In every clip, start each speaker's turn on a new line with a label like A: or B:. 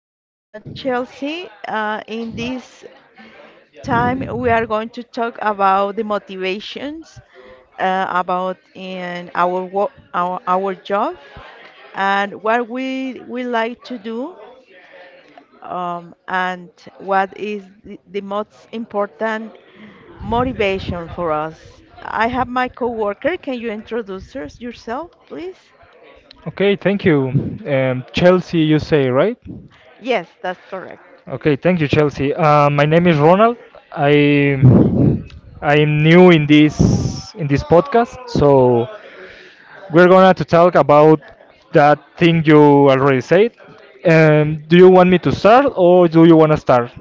A: is Chelsea. In this time, we are going to talk about the motivations about in our work, our job, and what we like to do, and what is the most important motivation for us. I have my coworker. Can you introduce yourself, please?
B: Okay, thank you. Chelsea, you say, right?
A: Yes, that's correct.
B: Okay, thank you, Chelsea. My name is Ronald. I I am new in this podcast, so we're gonna to talk about that thing you already said. Do you want me to start or do you wanna start?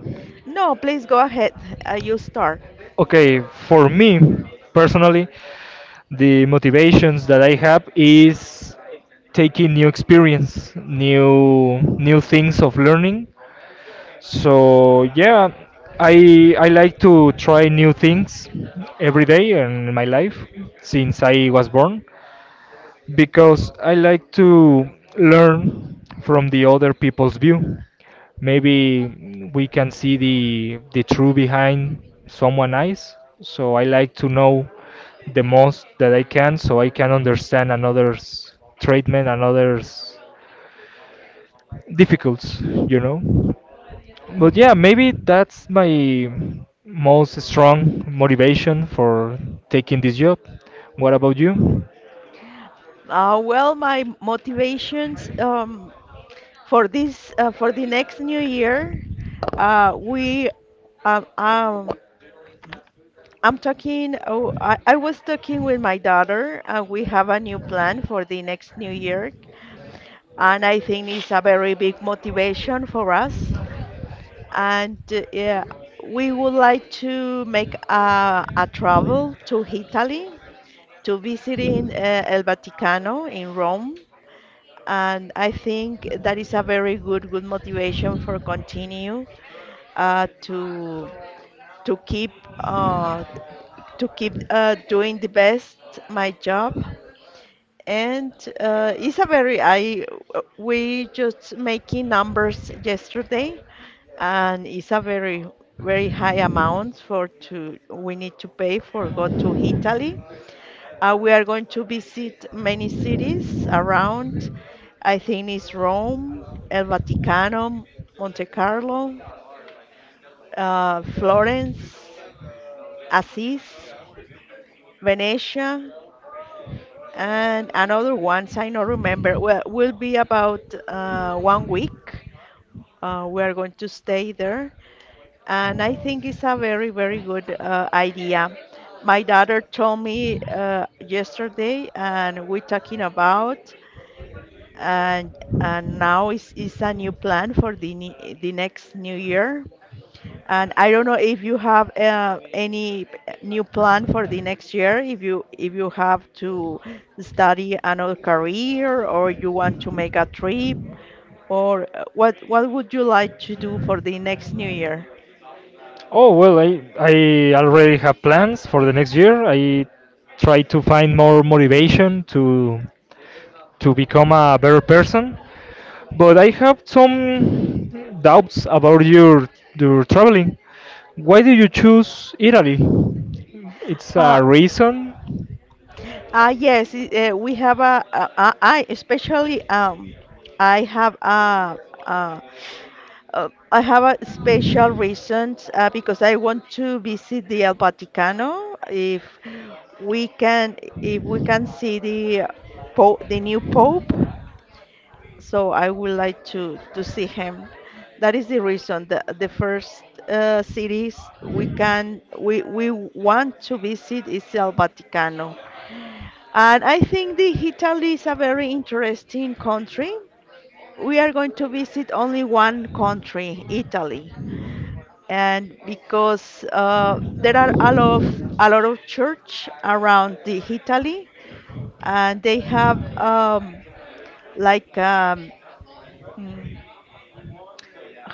A: No, please go ahead. You start.
B: Okay, for me personally, the motivations that I have is taking new experience, new things of learning. So yeah, I like to try new things every day in my life since I was born because I like to learn from the other people's view. Maybe we can see the truth behind someone else. So I like to know the most that I can so I can understand another's treatment, another's difficulties, you know. But
A: hmm
B: yeah, maybe that's my most strong motivation for taking this job. What about you?
A: well, my motivations for this for the next new year, we um, um, I'm talking. Oh, I was talking with my daughter, and we have a new plan for the next new year, and I think it's a very big motivation for us. And uh, yeah, we would like to make a travel to Italy to visiting El Vaticano in Rome. And I think that is a very good motivation for continue uh, to to keep uh, to keep doing the best my job. And it's a very I we just making numbers yesterday, and it's a very very high amount for to we need to pay for go to Italy. We are going to visit many cities around. I think it's Rome, El Vaticano, Monte Carlo, Florence, Assis, Venetia, and another ones I don't remember. Well, will be about 1 week. We are going to stay there, and I think it's a very good idea. My daughter told me yesterday, and we're talking about and and now is a new plan for the next new year. And I don't know if you have any new plan for the next year, if you have to study another career or you want to make a trip or what would you like to do for the next new year?
B: Oh, well, I already have plans for the next year. I try to find more motivation to become a better person. But I have some doubts about your traveling. Why do you choose Italy? It's
A: Uh,
B: a reason.
A: we have a I especially I have a I have a special reasons because I want to visit the El Vaticano. We can, if we can see the the new pope, so I would like to see him. That is the reason. The first cities we can we want to visit is El Vaticano, and I think the Italy is a very interesting country. We are going to visit only one country, Italy and because there are a lot of church around the Italy, and they have like mm,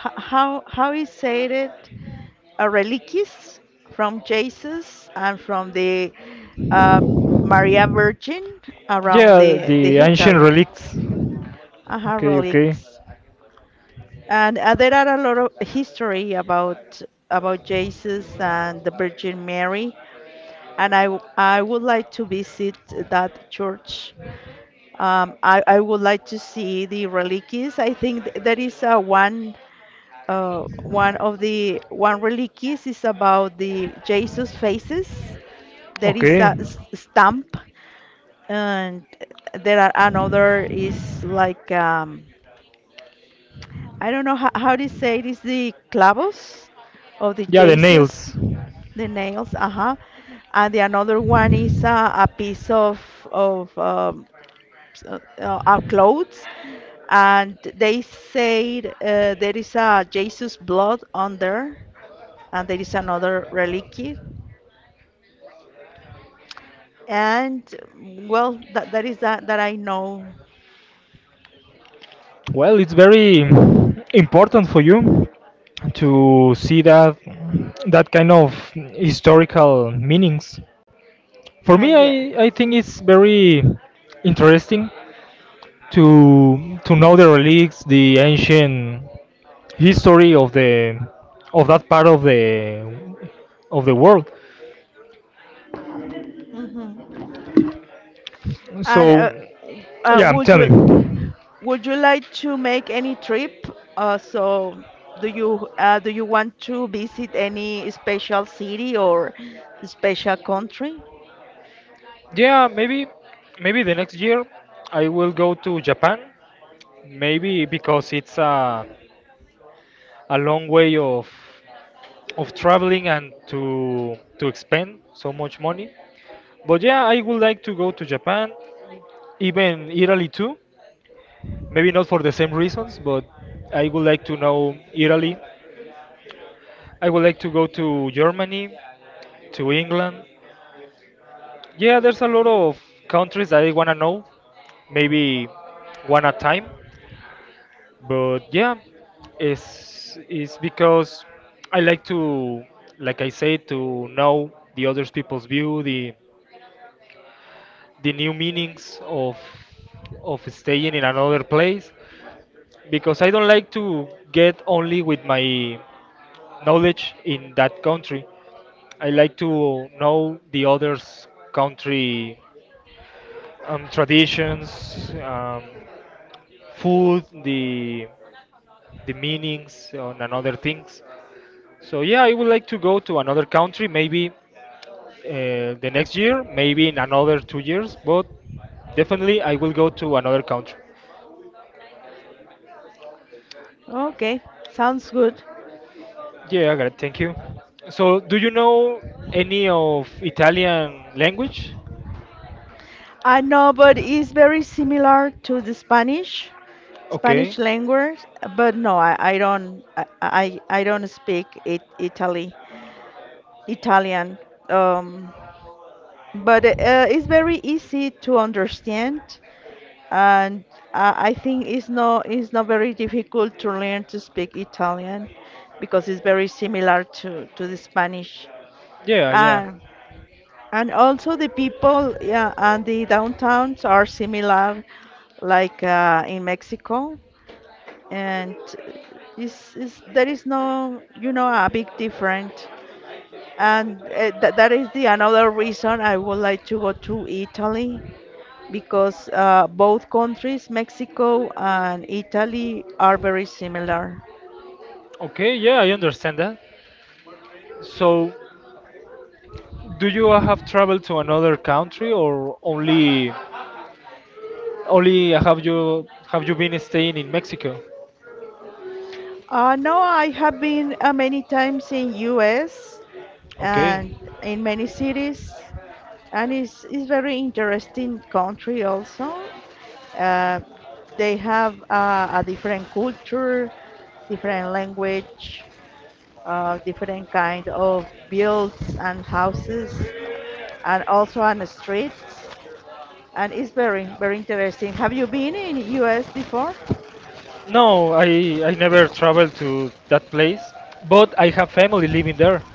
A: how is said it relics from Jesus and from the uh, Maria Virgin around
B: Yeah,
A: the
B: the ancient
A: Italy.
B: relics.
A: Uh
B: Okay, okay.
A: relics. And there are a lot of history about Jesus and the Virgin Mary and I would like to visit that church. I would like to see the relics. I think that is one of the one relics is about the Jesus faces. There is
B: Okay.
A: a stamp, and there are another is like I don't know how do you say it is the clavos of the
B: Yeah, the
A: Jesus,
B: nails.
A: the nails, uh-huh. And the another one is a piece of clothes, and they said there is a Jesus blood on there, and there is another relic. And well, that is that I know.
B: Well, it's very important for you to see that kind of historical meanings. For me,
A: Yeah.
B: I think it's very interesting to know the relics, the ancient history of the of that part of the world.
A: hmm And
B: So, yeah, I'm
A: would you
B: telling.
A: Would you like to make any trip? Uh, so, do you want to visit any special city or special country?
B: Yeah, maybe the next year I will go to Japan. Maybe because it's a long way of traveling and to expend so much money. But yeah, I would like to go to Japan, even Italy too. Maybe not for the same reasons, but I would like to know Italy. I would like to go to Germany, to England. Yeah, there's a lot of countries that I wanna know. Maybe one at a time. But yeah, it's because I like to, like I say, to know the other people's view, the new meanings of staying in another place because I don't like to get only with my knowledge in that country. I like to know the others country, traditions, food, the meanings on another things. So yeah, I would like to go to another country, maybe the next year, maybe in another 2 years, but definitely I will go to another country.
A: Okay, sounds good.
B: Yeah, I got it. Thank you. So, do you know any of Italian language?
A: I know, but it's very similar to the Spanish,
B: Okay.
A: Spanish language. But no, I don't speak it Italy Italian. Um, but it's very easy to understand. And I think it's not very difficult to learn to speak Italian because it's very similar to the Spanish.
B: Yeah, yeah.
A: Uh, and also the people yeah, and the downtowns are similar, like in Mexico, and is there is no you know a big difference. And th that is the another reason I would like to go to Italy because both countries, Mexico and Italy, are very similar.
B: Okay, yeah, I understand that. So, do you have traveled to another country or only have you been staying in Mexico?
A: No, I have been many times in US and
B: Okay.
A: in many cities, and it's very interesting country also. Uh, they have a different culture, different language, different kind of builds and houses, and also on the streets. And it's very very interesting. Have you been in US before?
B: No, I never traveled to that place, but I have family living there.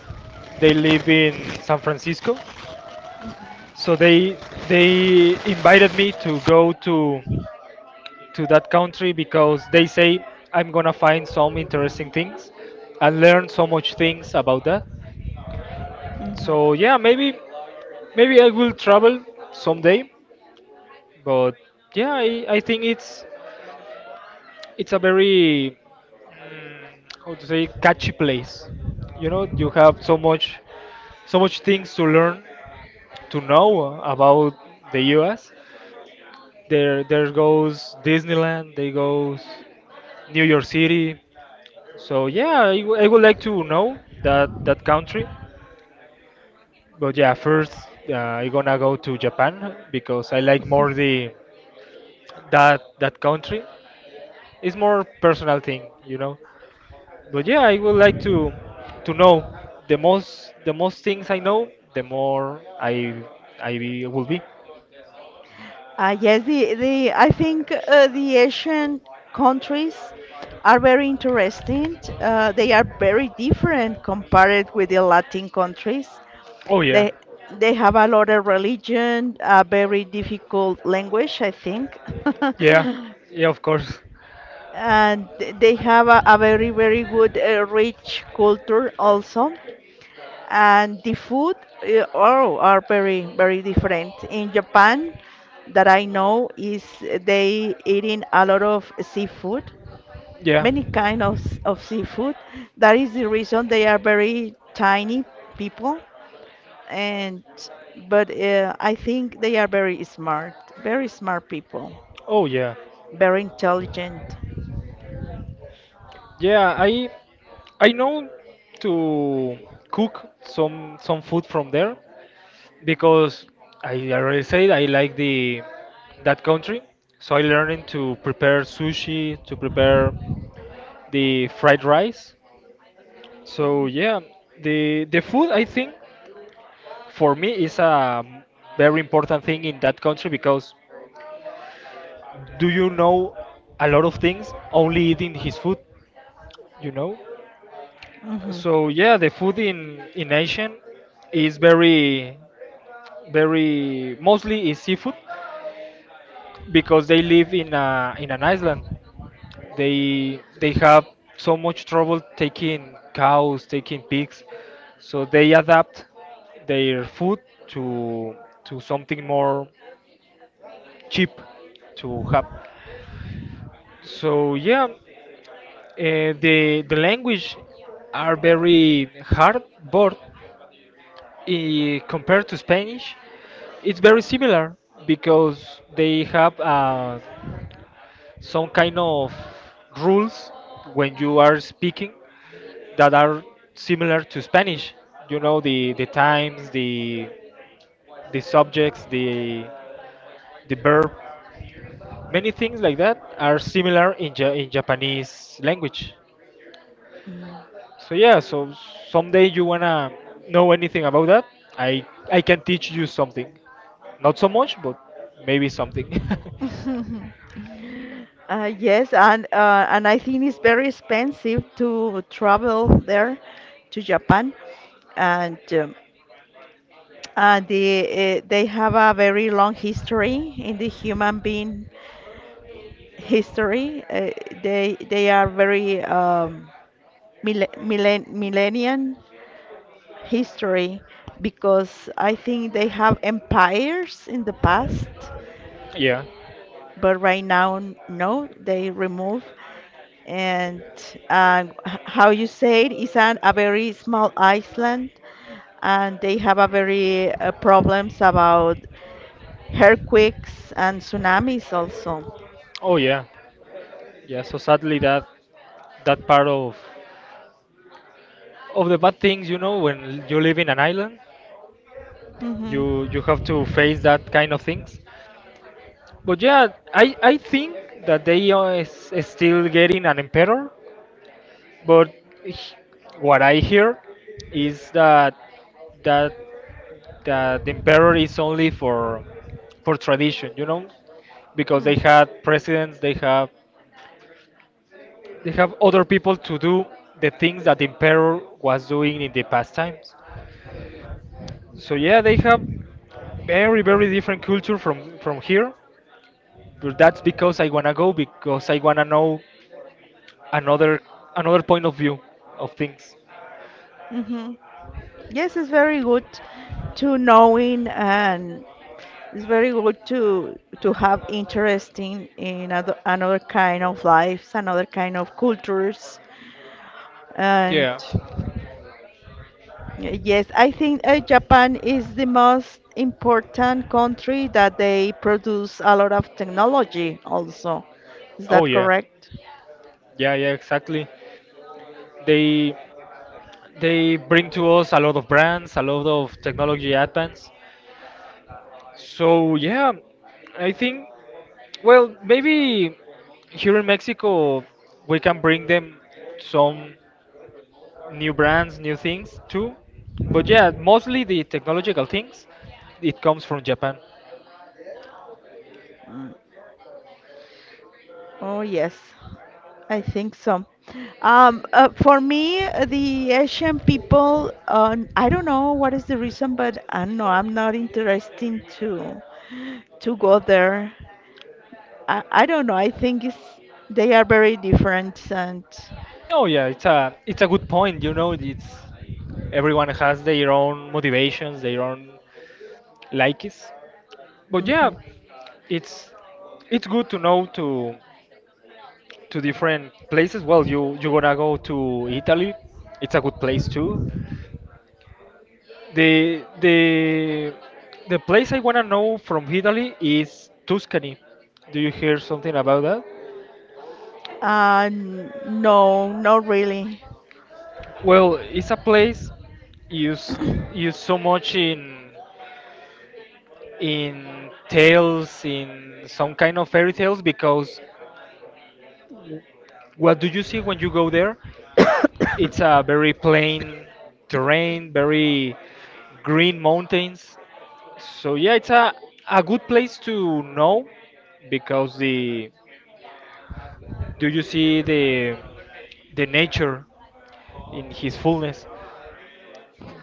B: They live in San Francisco, so they invited me to go to that country because they say I'm gonna find some interesting things and learn so much things about that.
A: hmm
B: So yeah, maybe I will travel someday, but yeah, I think it's. It's a very, mm, how to say, catchy place. You know, you have so much things to learn to know about the US. There goes Disneyland, there goes New York City. So yeah, I would like to know that country. But yeah, first uh, I'm gonna go to Japan because I like more the that that country. It's more personal thing, you know. But yeah, I would like to know the most, the most things I know, the more I will be.
A: Yes, the I think the Asian countries are very interesting. They are very different compared with the Latin countries.
B: Oh yeah,
A: They they have a lot of religion, a very difficult language, I think,
B: yeah, yeah, of course,
A: and they have a very very good rich culture also. And the food oh, are very very different in Japan that I know is they eating a lot of seafood
B: yeah.
A: many kind of seafood that is the reason they are very tiny people and but I think they are very smart people
B: Oh yeah,
A: very intelligent.
B: yeah. I know to cook some food from there because I already said I like the that country, so I learning to prepare sushi, to prepare the fried rice. So yeah, the food, I think, for me is a very important thing in that country because do you know a lot of things only eating his food, you know.
A: hmm
B: So yeah, the food in Asian is very, very mostly is seafood because they live in an island. They have so much trouble taking cows, taking pigs, so they adapt their food to something more cheap to have. So yeah, the language are very hard, but compared to Spanish, it's very similar because they have some kind of rules when you are speaking that are similar to Spanish. You know, the times, the subjects, the verb, many things like that are similar in Japanese language. So yeah, so someday you wanna know anything about that, I I can teach you something. Not so much, but maybe something.
A: and I think it's very expensive to travel there to Japan, and um, and they have a very long history in the human being history. They are very millennium history because I think they have empires in the past,
B: Yeah.
A: but right now no, they remove. And how you say it is a very small island and they have a very problems about earthquakes and tsunamis also.
B: Oh yeah. Yeah. So sadly, that that part of the bad things, you know, when you live in an island,
A: hmm
B: you have to face that kind of things. But yeah, I think that they are still getting an emperor, but h- what I hear is that that the emperor is only for tradition, you know, because they had presidents, they have other people to do the things that the emperor was doing in the past times. So yeah, they have very, very different culture from here. But that's because I wanna go because I wanna know another another point of view of things.
A: Mm-hmm. Yes, it's very good to knowing and it's very good to have interesting in another kind of lives, another kind of cultures, and
B: Yeah.
A: yes, I think Japan is the most important country that they produce a lot of technology also. Is
B: Oh
A: that
B: yeah.
A: correct?
B: Yeah, yeah, exactly. They they bring to us a lot of brands, a lot of technology advance. So yeah, I think, well, maybe here in Mexico we can bring them some new brands, new things too. But yeah, mostly the technological things, it comes from Japan.
A: Oh, yes, I think so. For me, the Asian people, I don't know what is the reason, but I don't know, I'm not interested to go there. I don't know. I think it's, they are very different and.
B: Oh yeah, it's a good point, you know, it's everyone has their own motivations, their own likes. But yeah,
A: Mhm.
B: it's it's good to know, to different places. Well, you gonna go to Italy. It's a good place too. The the the place I wanna know from Italy is Tuscany. Do you hear something about that?
A: No, not really.
B: Well, it's a place used used so much in tales, in some kind of fairy tales, because what do you see when you go there? It's a very plain terrain, very green mountains. So yeah, it's a good place to know because the do you see the nature in his fullness.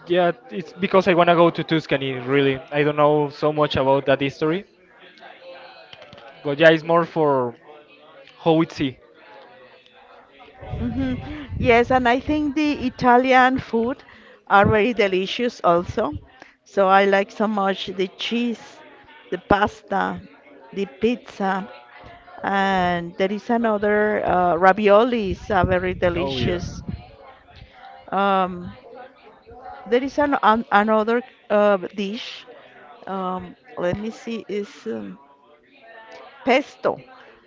B: Yeah, it's because I wanna go to Tuscany. Really, I don't know so much about that history, but yeah, it's more for how it's see.
A: hmm Yes, and I think the Italian food are very delicious also. So I like so much the cheese, the pasta, the pizza, and there is another raviolis are very
B: Oh yeah.
A: delicious. Um, there is another dish. Let me see, is pesto.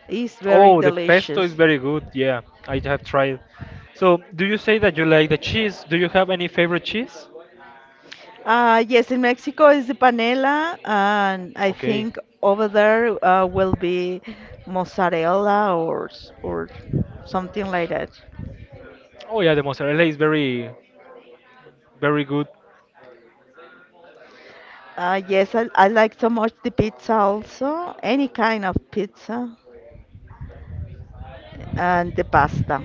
A: Is very
B: Oh, the pesto is
A: delicious.
B: very good. Yeah, I have tried. So, do you say that you like the cheese? Do you have any favorite cheese?
A: Yes, in Mexico is the panela, and I
B: Okay.
A: think over there will be mozzarella or something like that.
B: Oh yeah, the mozzarella is very, very good.
A: I like so much the pizza also, any kind of pizza, and the pasta.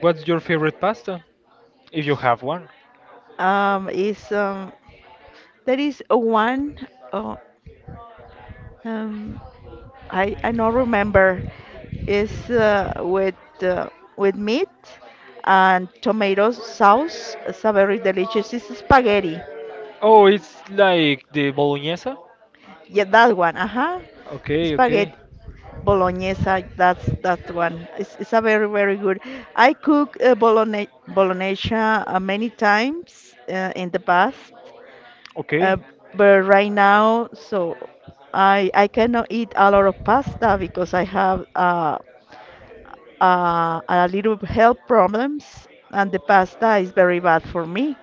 B: What's your favorite pasta, if you have one?
A: Is there is a one. Oh, um, I not remember. It's uh, with meat and tomato sauce. It's a very delicious. It's spaghetti.
B: Oh, it's like the bolognese.
A: Yeah, that one. Uh huh.
B: Okay,
A: Spaghetti
B: okay,
A: bolognese. That's that one. It's a very very good. I cook bologne bolognese many times in the past, uh,
B: okay.
A: but right now so I cannot eat a lot of pasta because I have a little health problems, and the pasta is very bad for me.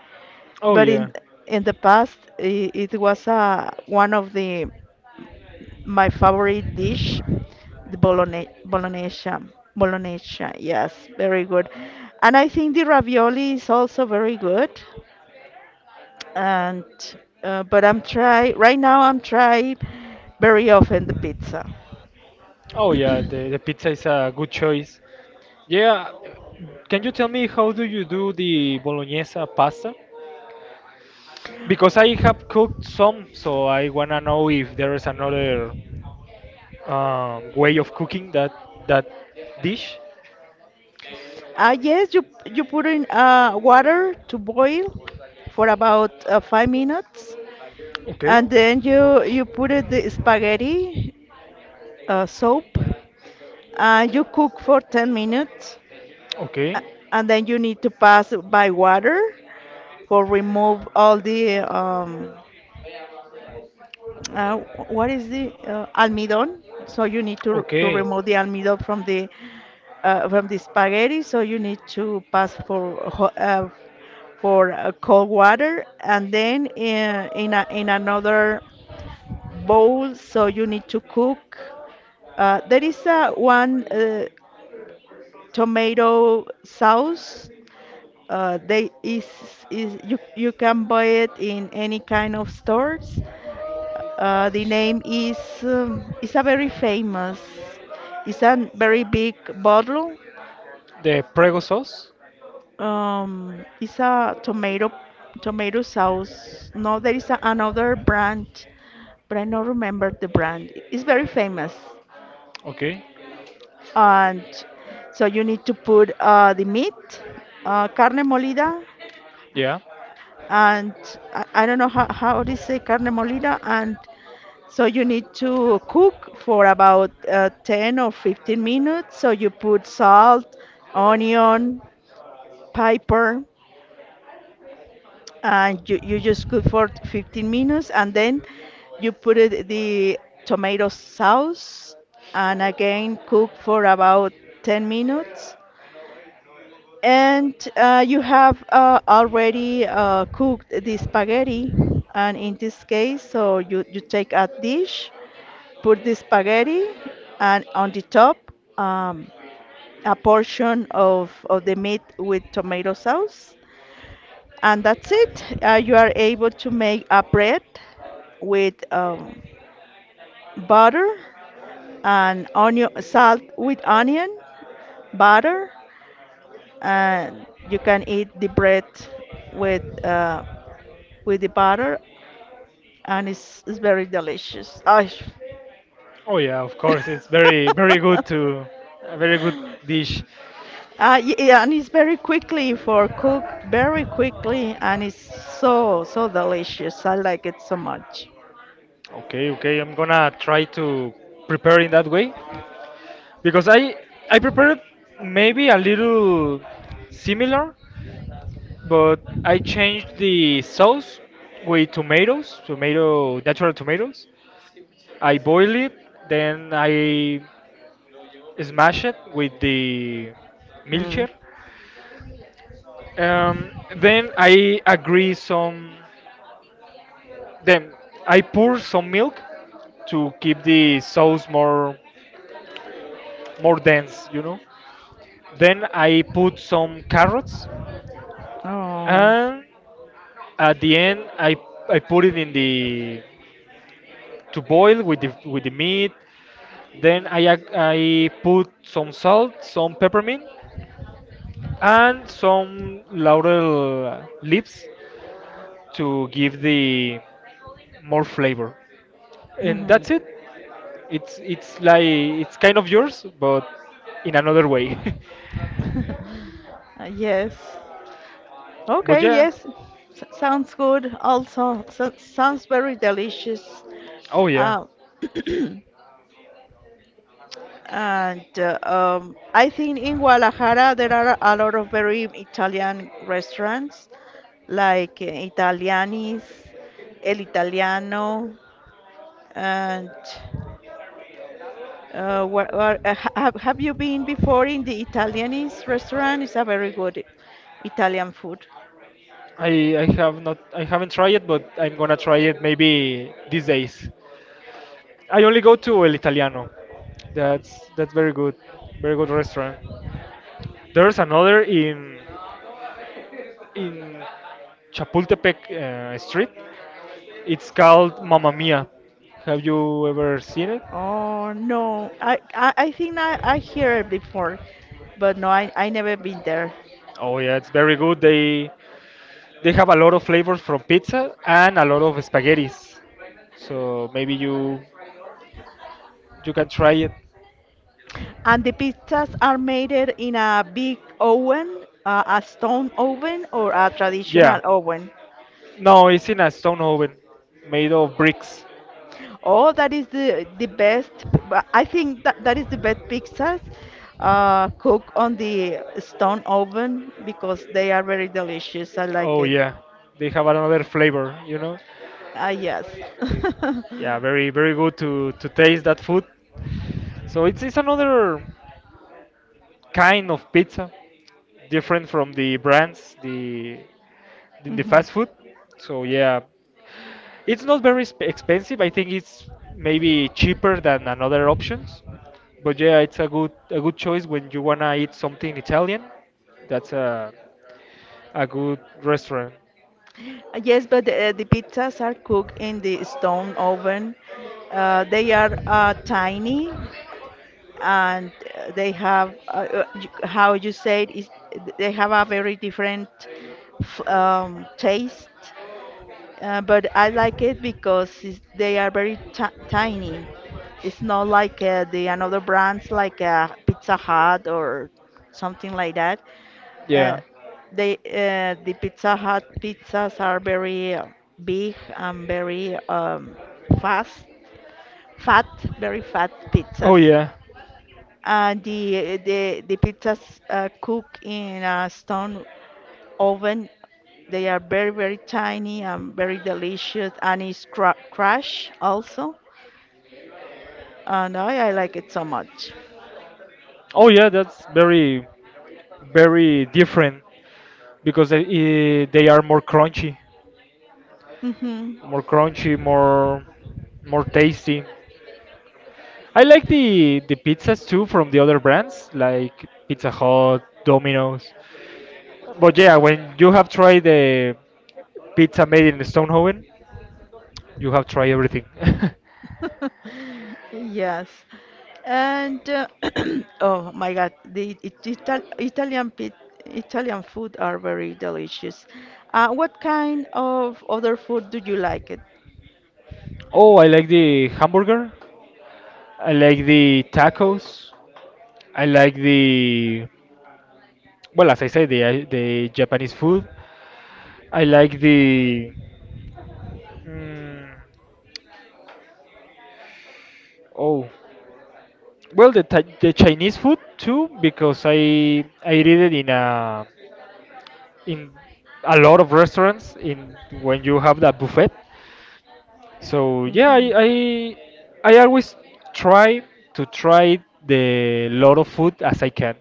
B: Oh
A: But
B: yeah,
A: in the past, it was one of the my favorite dish, the bologne bolognese. Bolognese, yes, very good. And I think the ravioli is also very good. And but I'm try right now. I'm try very often the pizza.
B: oh yeah. The pizza is a good choice. Yeah, can you tell me how do you do the bolognese pasta? Because I have cooked some, so I wanna know if there is another way of cooking that dish.
A: Yes, you you put in water to boil for about 5 minutes,
B: Okay,
A: and then you put it the spaghetti soap, and you cook for 10 minutes,
B: okay,
A: and then you need to pass by water for remove all the uh, what is the almidón? So you need to
B: okay.
A: remove the almidón from the spaghetti. So you need to pass for cold water, and then in another bowl. So you need to cook. There is a one tomato sauce. They is you can buy it in any kind of stores. The name is it's a very famous. It's a very big bottle.
B: The prego sauce.
A: It's a tomato tomato sauce. No, there is another brand, but I don't remember the brand. It's very famous,
B: Okay,
A: and so you need to put the meat, carne molida,
B: yeah.
A: and I don't know how do say carne molida and so you need to cook for about 10 or 15 minutes. So you put salt, onion, pepper, and you just cook for 15 minutes. And then you put it, the tomato sauce and again cook for about 10 minutes. And you have already cooked the spaghetti. And in this case, so you take a dish. Put the spaghetti, and on the top um, a portion of the meat with tomato sauce. And that's it. You are able to make a bread with butter and onion, salt with onion, butter, and you can eat the bread with with the butter, and it's very delicious. Ay,
B: Oh yeah, of course, it's very, very good to, a very good dish.
A: Yeah, and it's very quickly for cook, very quickly, and it's so so delicious. I like it so much.
B: Okay, okay, I'm gonna try to prepare in that way because I prepared maybe a little similar, but I changed the sauce with tomatoes, tomato natural tomatoes. I boil it, then I smash it with the
A: Mm.
B: milkshake. Then I agree some. Then I pour some milk to keep the sauce more dense, you know. Then I put some carrots,
A: Oh,
B: and at the end I put it in the to boil with the meat. Then I put some salt, some peppermint, and some laurel leaves to give the more flavor. And
A: mhm.
B: that's it. It's like it's kind of yours, but in another way.
A: Yes.
B: But
A: Okay,
B: yeah,
A: yes. S sounds good. Also, so sounds very delicious.
B: oh yeah.
A: Uh, and I think in Guadalajara there are a lot of very Italian restaurants, like Italianis, El Italiano. And what, ha- have you been before in the Italianese restaurant? It's a very good Italian food.
B: I have not I haven't tried it, but I'm gonna try it maybe these days. I only go to El Italiano. That's very good, very good restaurant. There's another in in Chapultepec Street. It's called Mamma Mia. Have you ever seen it?
A: Oh no, I think I hear it before, but no, I never been there.
B: Oh yeah, it's very good. They have a lot of flavors from pizza and a lot of spaghettis. So maybe you can try it.
A: And the pizzas are made it in a big oven, a stone oven or a
B: Yeah,
A: traditional oven.
B: no, it's in a stone oven made of bricks.
A: Oh, that is the best. But I think that that is the best pizzas cooked on the stone oven because they are very delicious. I like
B: Oh
A: it.
B: yeah, they have another flavor, you know.
A: Ah, yes.
B: Yeah, very, very good to taste that food. So it's another kind of pizza, different from the brands, the in the
A: Mhm.
B: fast food. So yeah, it's not very expensive. I think it's maybe cheaper than another options. But yeah, it's a good choice when you wanna eat something Italian. That's a good restaurant.
A: Yes, but the pizzas are cooked in the stone oven. They are tiny and they have, how you said, is they have a very different taste. But I like it because it's, they are very ti tiny. It's not like the another brands like Pizza Hut or something like that. Uh,
B: Yeah.
A: the Pizza Hut pizzas are very big and very fast, fat, very fat
B: Oh
A: pizzas.
B: yeah,
A: The pizzas cook in a stone oven. They are very, very tiny and very delicious, and it's cra- crush also. And I like it so much.
B: oh yeah, that's very, very different because they, they are more crunchy,
A: Hmm.
B: more crunchy, more tasty. I like the pizzas too from the other brands like Pizza Hut, Domino's. But yeah, when you have tried the pizza made in Stonehaven, you have tried everything.
A: Yes. And oh my God, the it- Ital Italian pit Italian food are very delicious. What kind of other food do you like it?
B: Oh, I like the hamburger. I like the tacos. I like the, well, as I said, the Japanese food. I like the, mm, oh, well, the Chinese food too because I did it in in a lot of restaurants in when you have that buffet. So yeah,
A: Hmm.
B: I always try to try the lot of food as I can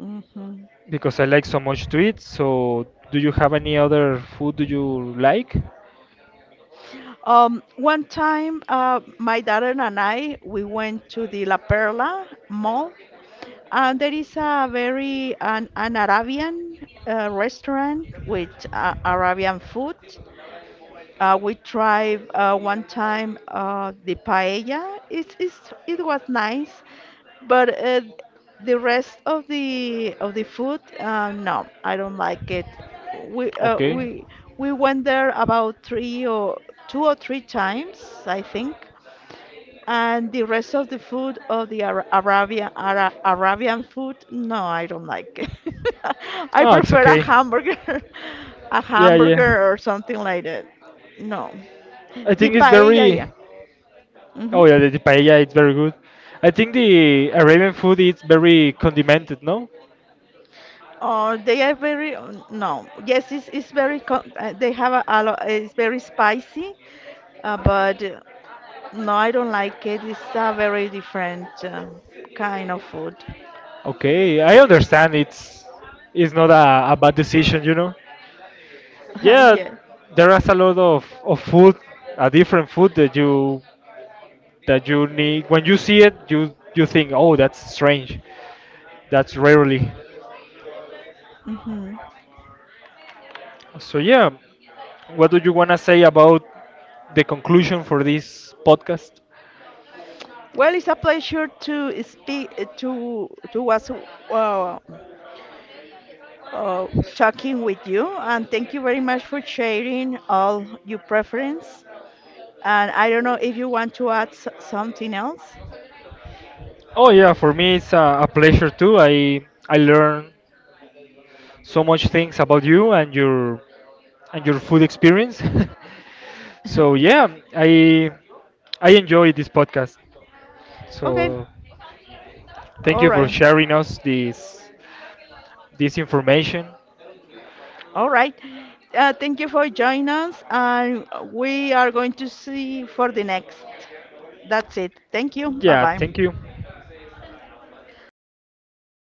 A: Hmm.
B: because I like so much to eat. So do you have any other food do you like?
A: One time, my daughter and I, we went to the La Perla Mall. There is a very an Arabian restaurant with Arabian food. We tried one time the paella. It was nice, but the rest of the food, no, I don't like it. We uh,
B: Okay.
A: we we went there about three or two or three times, I think, and the rest of the food of the Ara- Arabian Ara- Arabian food, no, I don't like it. I
B: Oh, it's
A: prefer a
B: okay.
A: hamburger, a
B: Yeah, yeah.
A: hamburger or something like that. No,
B: I
A: the
B: think it's
A: paella, yeah.
B: very. Oh
A: Hmm.
B: yeah, the paella it's very good. I think the Arabian food is very condimented, no?
A: Oh, they are very no. Yes, it's very co- they have a lot. It's very spicy, but no, I don't like it. It's a very different kind of food.
B: Okay, I understand it's not a bad decision, you know. Yeah,
A: yeah.
B: there is a lot of food, a different food that you need when you see it, you think, oh, that's strange, that's rarely.
A: Hmm.
B: So yeah, what do you wanna say about the conclusion for this podcast?
A: Well, it's a pleasure to speak to was uh, uh, talking with you, and thank you very much for sharing all your preference. And I don't know if you want to add something else.
B: Oh yeah, for me it's a pleasure too. I learn so much things about you and your, and your food experience. So yeah, I I enjoy this podcast.
A: Okay,
B: So thank
A: all
B: you for
A: right,
B: sharing us this information.
A: all right. Thank you for joining us, and we are going to see for the next. That's it. Thank you. Bye
B: Yeah,
A: bye.
B: thank you.